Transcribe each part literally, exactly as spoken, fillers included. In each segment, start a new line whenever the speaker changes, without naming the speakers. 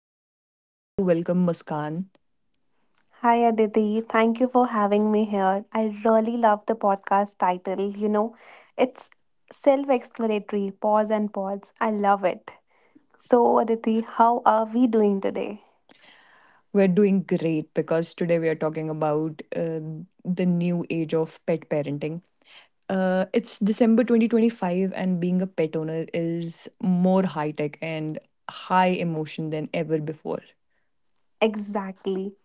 today I would like to welcome Muskan.
Hi Aditi, thank you for having me here. I really love the podcast title. You know, it's self explanatory, pause and pause. I love it. So, Aditi, how are we doing today?
We're doing great because today we are talking about uh, the new age of pet parenting. Uh, it's December twenty twenty-five, and being a pet owner is more high tech and high emotion than ever before.
Exactly.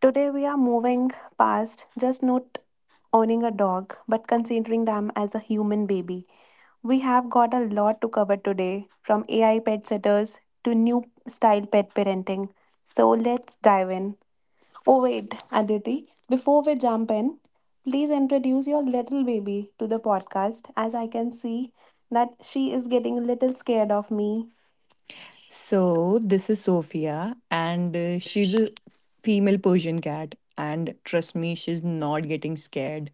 Today we are moving past just not owning a dog, but considering them as a human baby. We have got a lot to cover today from A I pet sitters to new style pet parenting. So, let's dive in. Oh, wait, Aditi, before we jump in, please introduce your little baby to the podcast as I can see that she is getting a little scared of me.
So, this is Sophia, and uh, she's a female Persian cat. And trust me, she's not getting scared.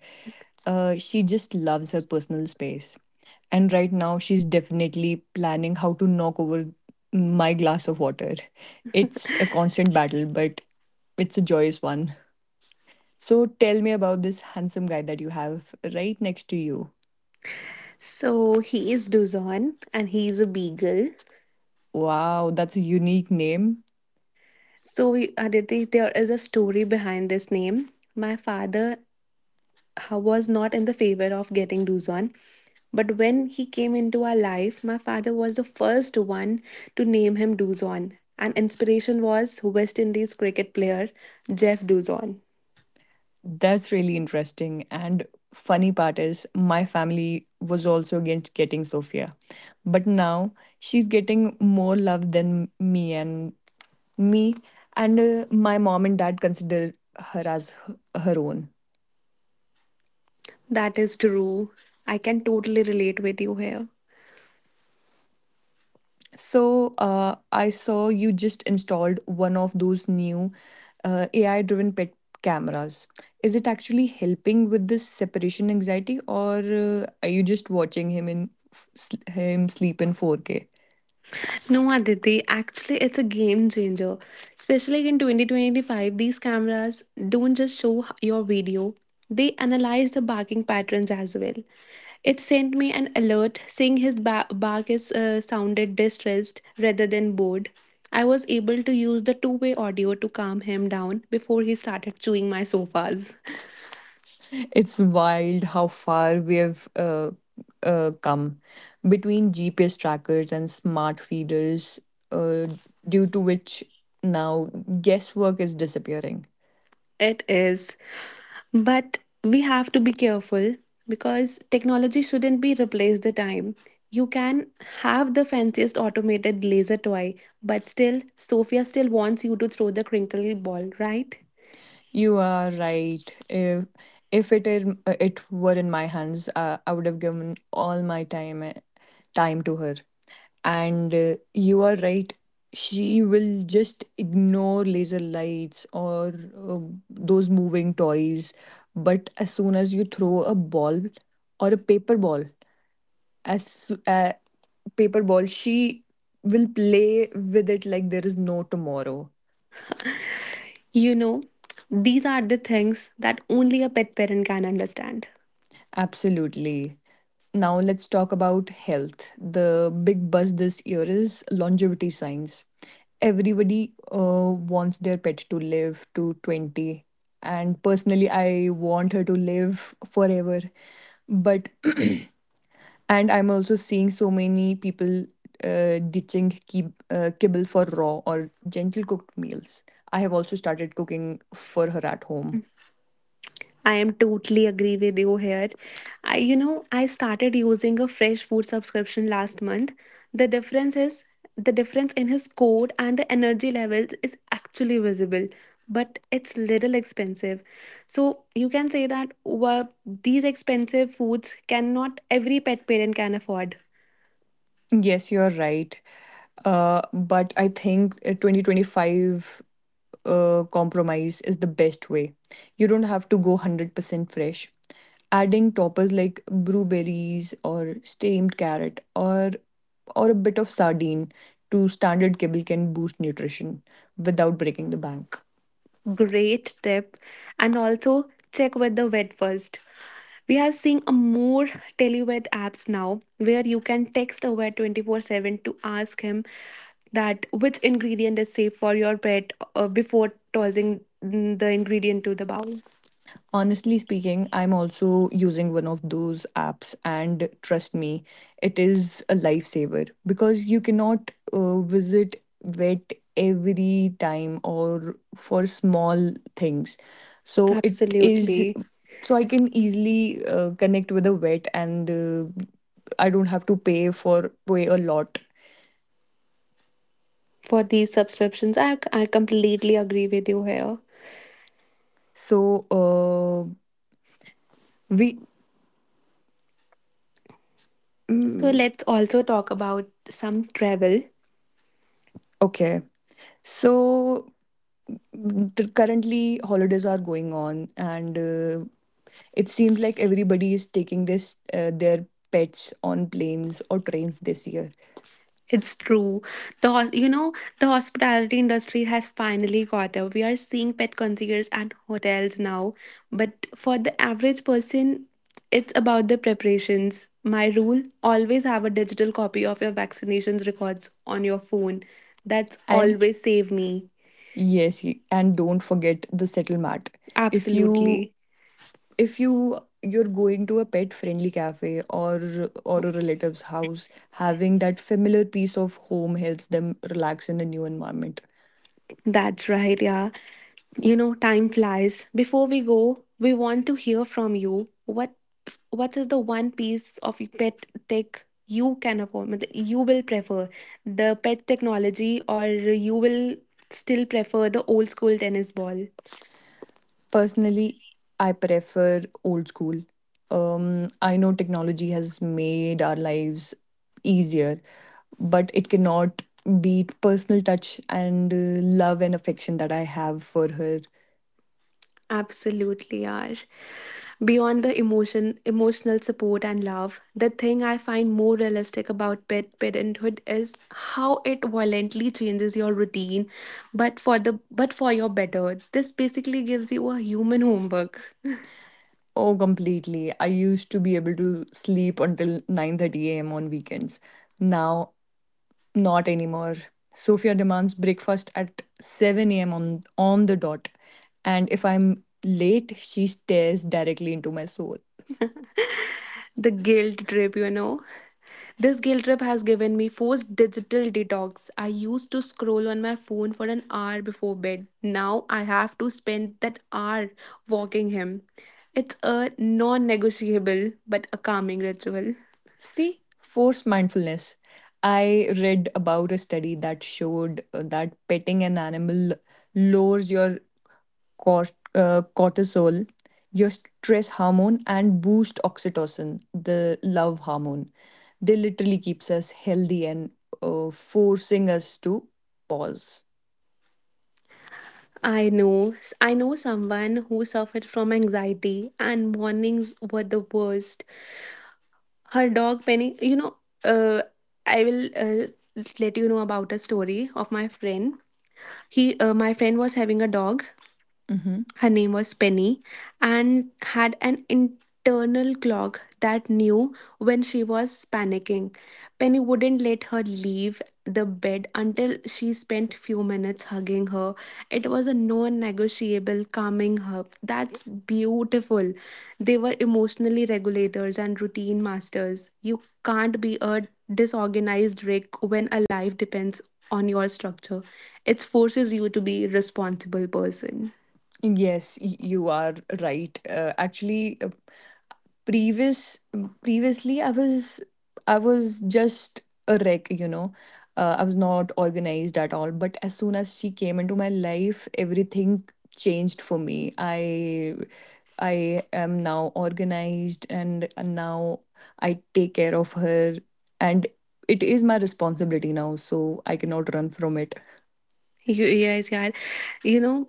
Uh, she just loves her personal space. And right now, she's definitely planning how to knock over my glass of water. It's a constant battle, but it's a joyous one. So, tell me about this handsome guy that you have right next to you.
So he is Duzon and he is a beagle.
Wow, that's a unique name.
So we- Aditi, there is a story behind this name. My father uh, was not in the favor of getting Luzon. But when he came into our life, my father was the first one to name him Duzon. And inspiration was West Indies cricket player Jeff Duzon.
That's really interesting. And funny part is, my family was also against getting Sophia. But now she's getting more love than me and me and uh, my mom and dad consider her as h- her own.
That is true. I can totally relate with you here.
So uh, I saw you just installed one of those new uh, A I driven pet cameras. Is it actually helping with this separation anxiety, or uh, are you just watching him him in in sleep in four K?
No, Aditi, actually, it's a game changer. Especially in twenty twenty-five, these cameras don't just show h- your video, they analyze the barking patterns as well. It sent me an alert saying his ba- bark is uh, sounded distressed rather than bored. I was able to use the two way audio to calm him down before he started chewing my sofas.
It's wild how far we have uh, uh, come between G P S trackers and smart feeders, uh, due to which now guesswork is disappearing.
It is. But we have to be careful because technology shouldn't be replaced the time. You can have the fanciest automated laser toy, but still, Sophia still wants you to throw the crinkly ball, right?
You are right. If if it is uh, it were in my hands, uh, I would have given all my time eh, time to her. And uh, you are right. She will just ignore laser lights or uh, those moving toys. But as soon as you throw a ball or a paper ball, as soo- uh, paper ball, she will play with it like there is no tomorrow.
You know, these are the things that only a pet parent can understand.
Absolutely. Now let's talk about health. The big buzz this year is longevity science. Everybody uh, wants their pet to live to twenty. And personally, I want her to live forever. But, and I'm also seeing so many people uh, ditching kib- uh, kibble for raw or gentle cooked meals. I have also started cooking for her at home.
I am totally agree with you here. I you know, I started using a fresh food subscription last month. The difference is the difference in his code and the energy levels is actually visible, but it's little expensive. So you can say that well, these expensive foods cannot every pet parent can afford.
Yes, you're right. Uh, but I think uh, twenty twenty-five uh, compromise is the best way. You don't have to go one hundred percent fresh. Adding toppers like blueberries or steamed carrot or or a bit of sardine to standard kibble can boost nutrition without breaking the bank.
Great tip. And also check with the vet first. We are seeing a more televet apps now where you can text a vet twenty-four seven to ask him that which ingredient is safe for your pet uh, before tossing mm, the ingredient to the bowl.
Honestly speaking, I'm also using one of those apps, and trust me, it is a lifesaver because you cannot uh, visit vet every time or for small things. So it is
Absolutely.
so I can easily uh, connect with a vet, and uh, I don't have to pay for pay a lot.
For these subscriptions, I, I completely agree with you here.
So uh, we
So
mm,
let's also talk about some travel.
okay. So the- currently holidays are going on and uh, it seems like everybody is taking this uh, their pets on planes or trains this year
It's true. The hos- you know the hospitality industry has finally caught up. We are seeing pet concierges at hotels now, but for the average person, it's about the preparations. My rule: always have a digital copy of your vaccinations records on your phone. That's
and
always save me.
yes, y- and don't forget the settle mat. if you
Absolutely.
if you you're going to a pet friendly cafe or or a relative's house having that familiar piece of home helps them relax in a new environment.
That's right, yeah. You know, time flies. Before we go, we want to hear from you. What what is the one piece of pet tech you can afford? मतलब You will prefer the pet technology or you will still prefer the old school tennis ball?
Personally, I prefer old school. Um, I know technology has made our lives easier, but it cannot beat personal touch and uh, love and affection that I have for her.
Absolutely are. Beyond the emotion, emotional support and love, the thing I find more realistic about pet parenthood is how it violently changes your routine, but for the but for your better. This basically gives you a human homework.
Oh, completely. I used to be able to sleep until nine thirty a m on weekends. Now, not anymore. Sophia demands breakfast at seven a m on on the dot, and if I'm late, she stares directly into my soul.
The guilt trip, you know. This guilt trip has given me forced digital detox. I used to scroll on my phone for an hour before bed. Now I have to spend that hour walking him. It's a non negotiable but a calming ritual.
See, forced mindfulness. I read about a study that showed uh, that petting an animal lowers your cort- uh, cortisol, your stress hormone, and boost oxytocin, the love hormone. They literally keeps us healthy and uh, forcing us to pause.
I know. I know someone who suffered from anxiety and mornings were the worst. Her dog Penny, you know, uh, I will uh, Let you know about a story of my friend. He uh, My friend was having a dog,
Mhm.
her name was Penny, and had an internal clock that knew when she was panicking. Penny wouldn't let her leave the bed until she spent few minutes hugging her. It was a non-negotiable calming hug. That's beautiful. They were emotionally regulators and routine masters. You can't be a disorganized wreck when a life depends on your structure. It forces you to be a responsible person.
Yes, y- you are right. Uh, actually, uh, previous Previously, I was I was just a wreck, you know. uh, I was not organized at all, but as soon as she came into my life everything changed for me. I i am now organized and now I take care of her, and it is my responsibility now, so I cannot run from it.
You, yes, yeah. You know,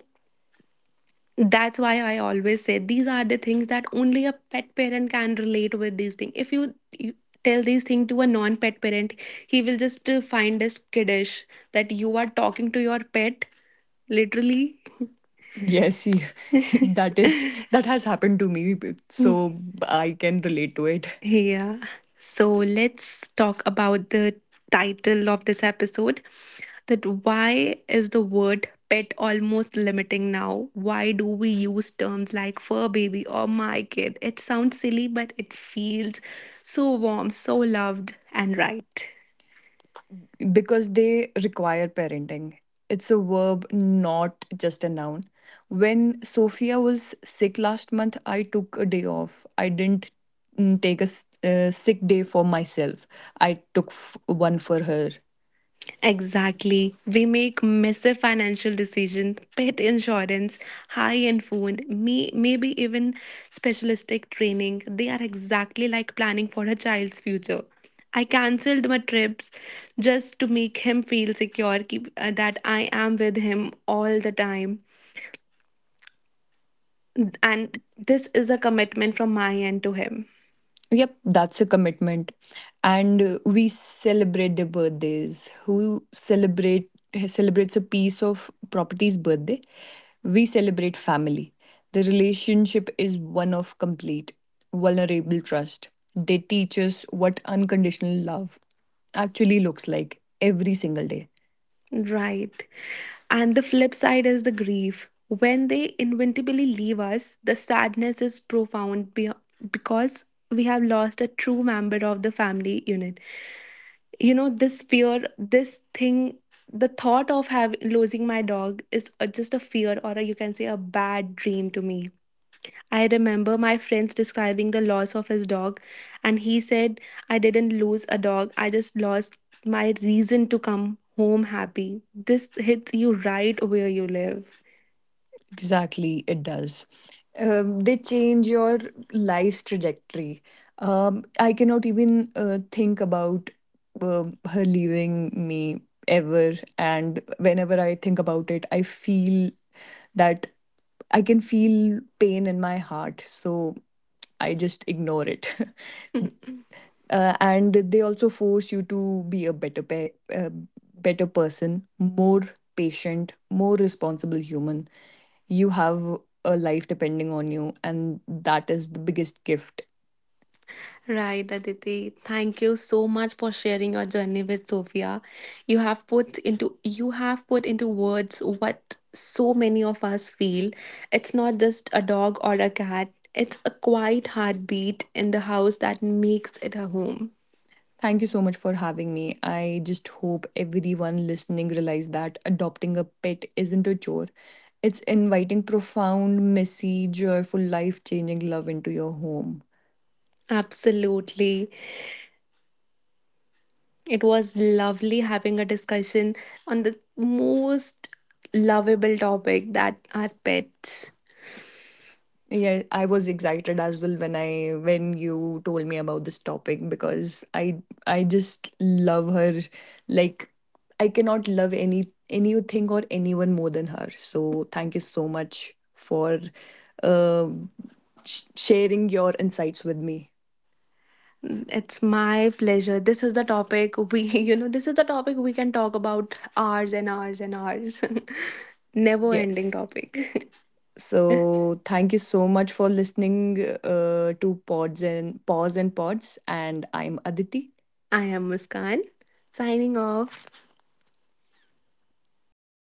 that's why I always say these are the things that only a pet parent can relate with these things. If you, you tell these things to a non pet parent, he will just uh, find this kiddish that you are talking to your pet, literally.
Yes, you- that is that has happened to me, so I can relate to it.
Yeah. So let's talk about the title of this episode that why is the word pet almost limiting now? Why do we use terms like fur baby or my kid? It sounds silly, but it feels so warm, so loved, and right.
Because they require parenting. It's a verb, not just a noun. When Sophia was sick last month, I took a day off. I didn't mm, take a s- uh, sick day for myself, I took f- one for her.
Exactly. We make massive financial decisions, pet insurance, high end food, may, maybe even specialistic training. They are exactly like planning for a child's future. I cancelled my trips just to make him feel secure keep, uh, that I am with him all the time. And this is a commitment from my end to him.
Yep, that's a commitment. And uh, we celebrate their birthdays. Who celebrate celebrates a piece of property's birthday? We celebrate family. The relationship is one of complete, vulnerable trust. They teach us what unconditional love actually looks like every single day.
Right. And the flip side is the grief. When they inevitably leave us, the sadness is profound be- because we have lost a true member of the family unit. You know, this fear, this thing, the thought of having losing my dog is a, just a fear or a, you can say a bad dream to me. I remember my friends describing the loss of his dog, and he said, I didn't lose a dog, I just lost my reason to come home happy. This hits you right where you live.
Exactly, it does. Um, they change your life's trajectory. Um, I cannot even uh, think about um her leaving me ever. And whenever I think about it, I feel that I can feel pain in my heart. So I just ignore it. Uh, and they also force you to be a better pe- uh, better person, more patient, more responsible human. You have a life depending on you, and that is the biggest gift.
Right, Aditi. Thank you so much for sharing your journey with Sophia. You have put into you have put into words what so many of us feel. It's not just a dog or a cat. It's a quiet heartbeat in the house that makes it a home.
Thank you so much for having me. I just hope everyone listening realize that adopting a pet isn't a chore, it's inviting profound, messy, joyful, life changing love into your home.
Absolutely. It was lovely having a discussion on the most lovable topic that are pets.
Yeah, I was excited as well when I when you told me about this topic because I I just love her like I cannot love any anything or anyone more than her. So thank you so much for sh- sharing your insights with me.
It's my pleasure. This is the topic we, you know, This is the topic we can talk about hours and hours and hours. Never ending
Yes.
topic.
So thank you so much for listening uh, to Pods and Pause and Pods and I'm Aditi.
I am Muskan, signing off.
एक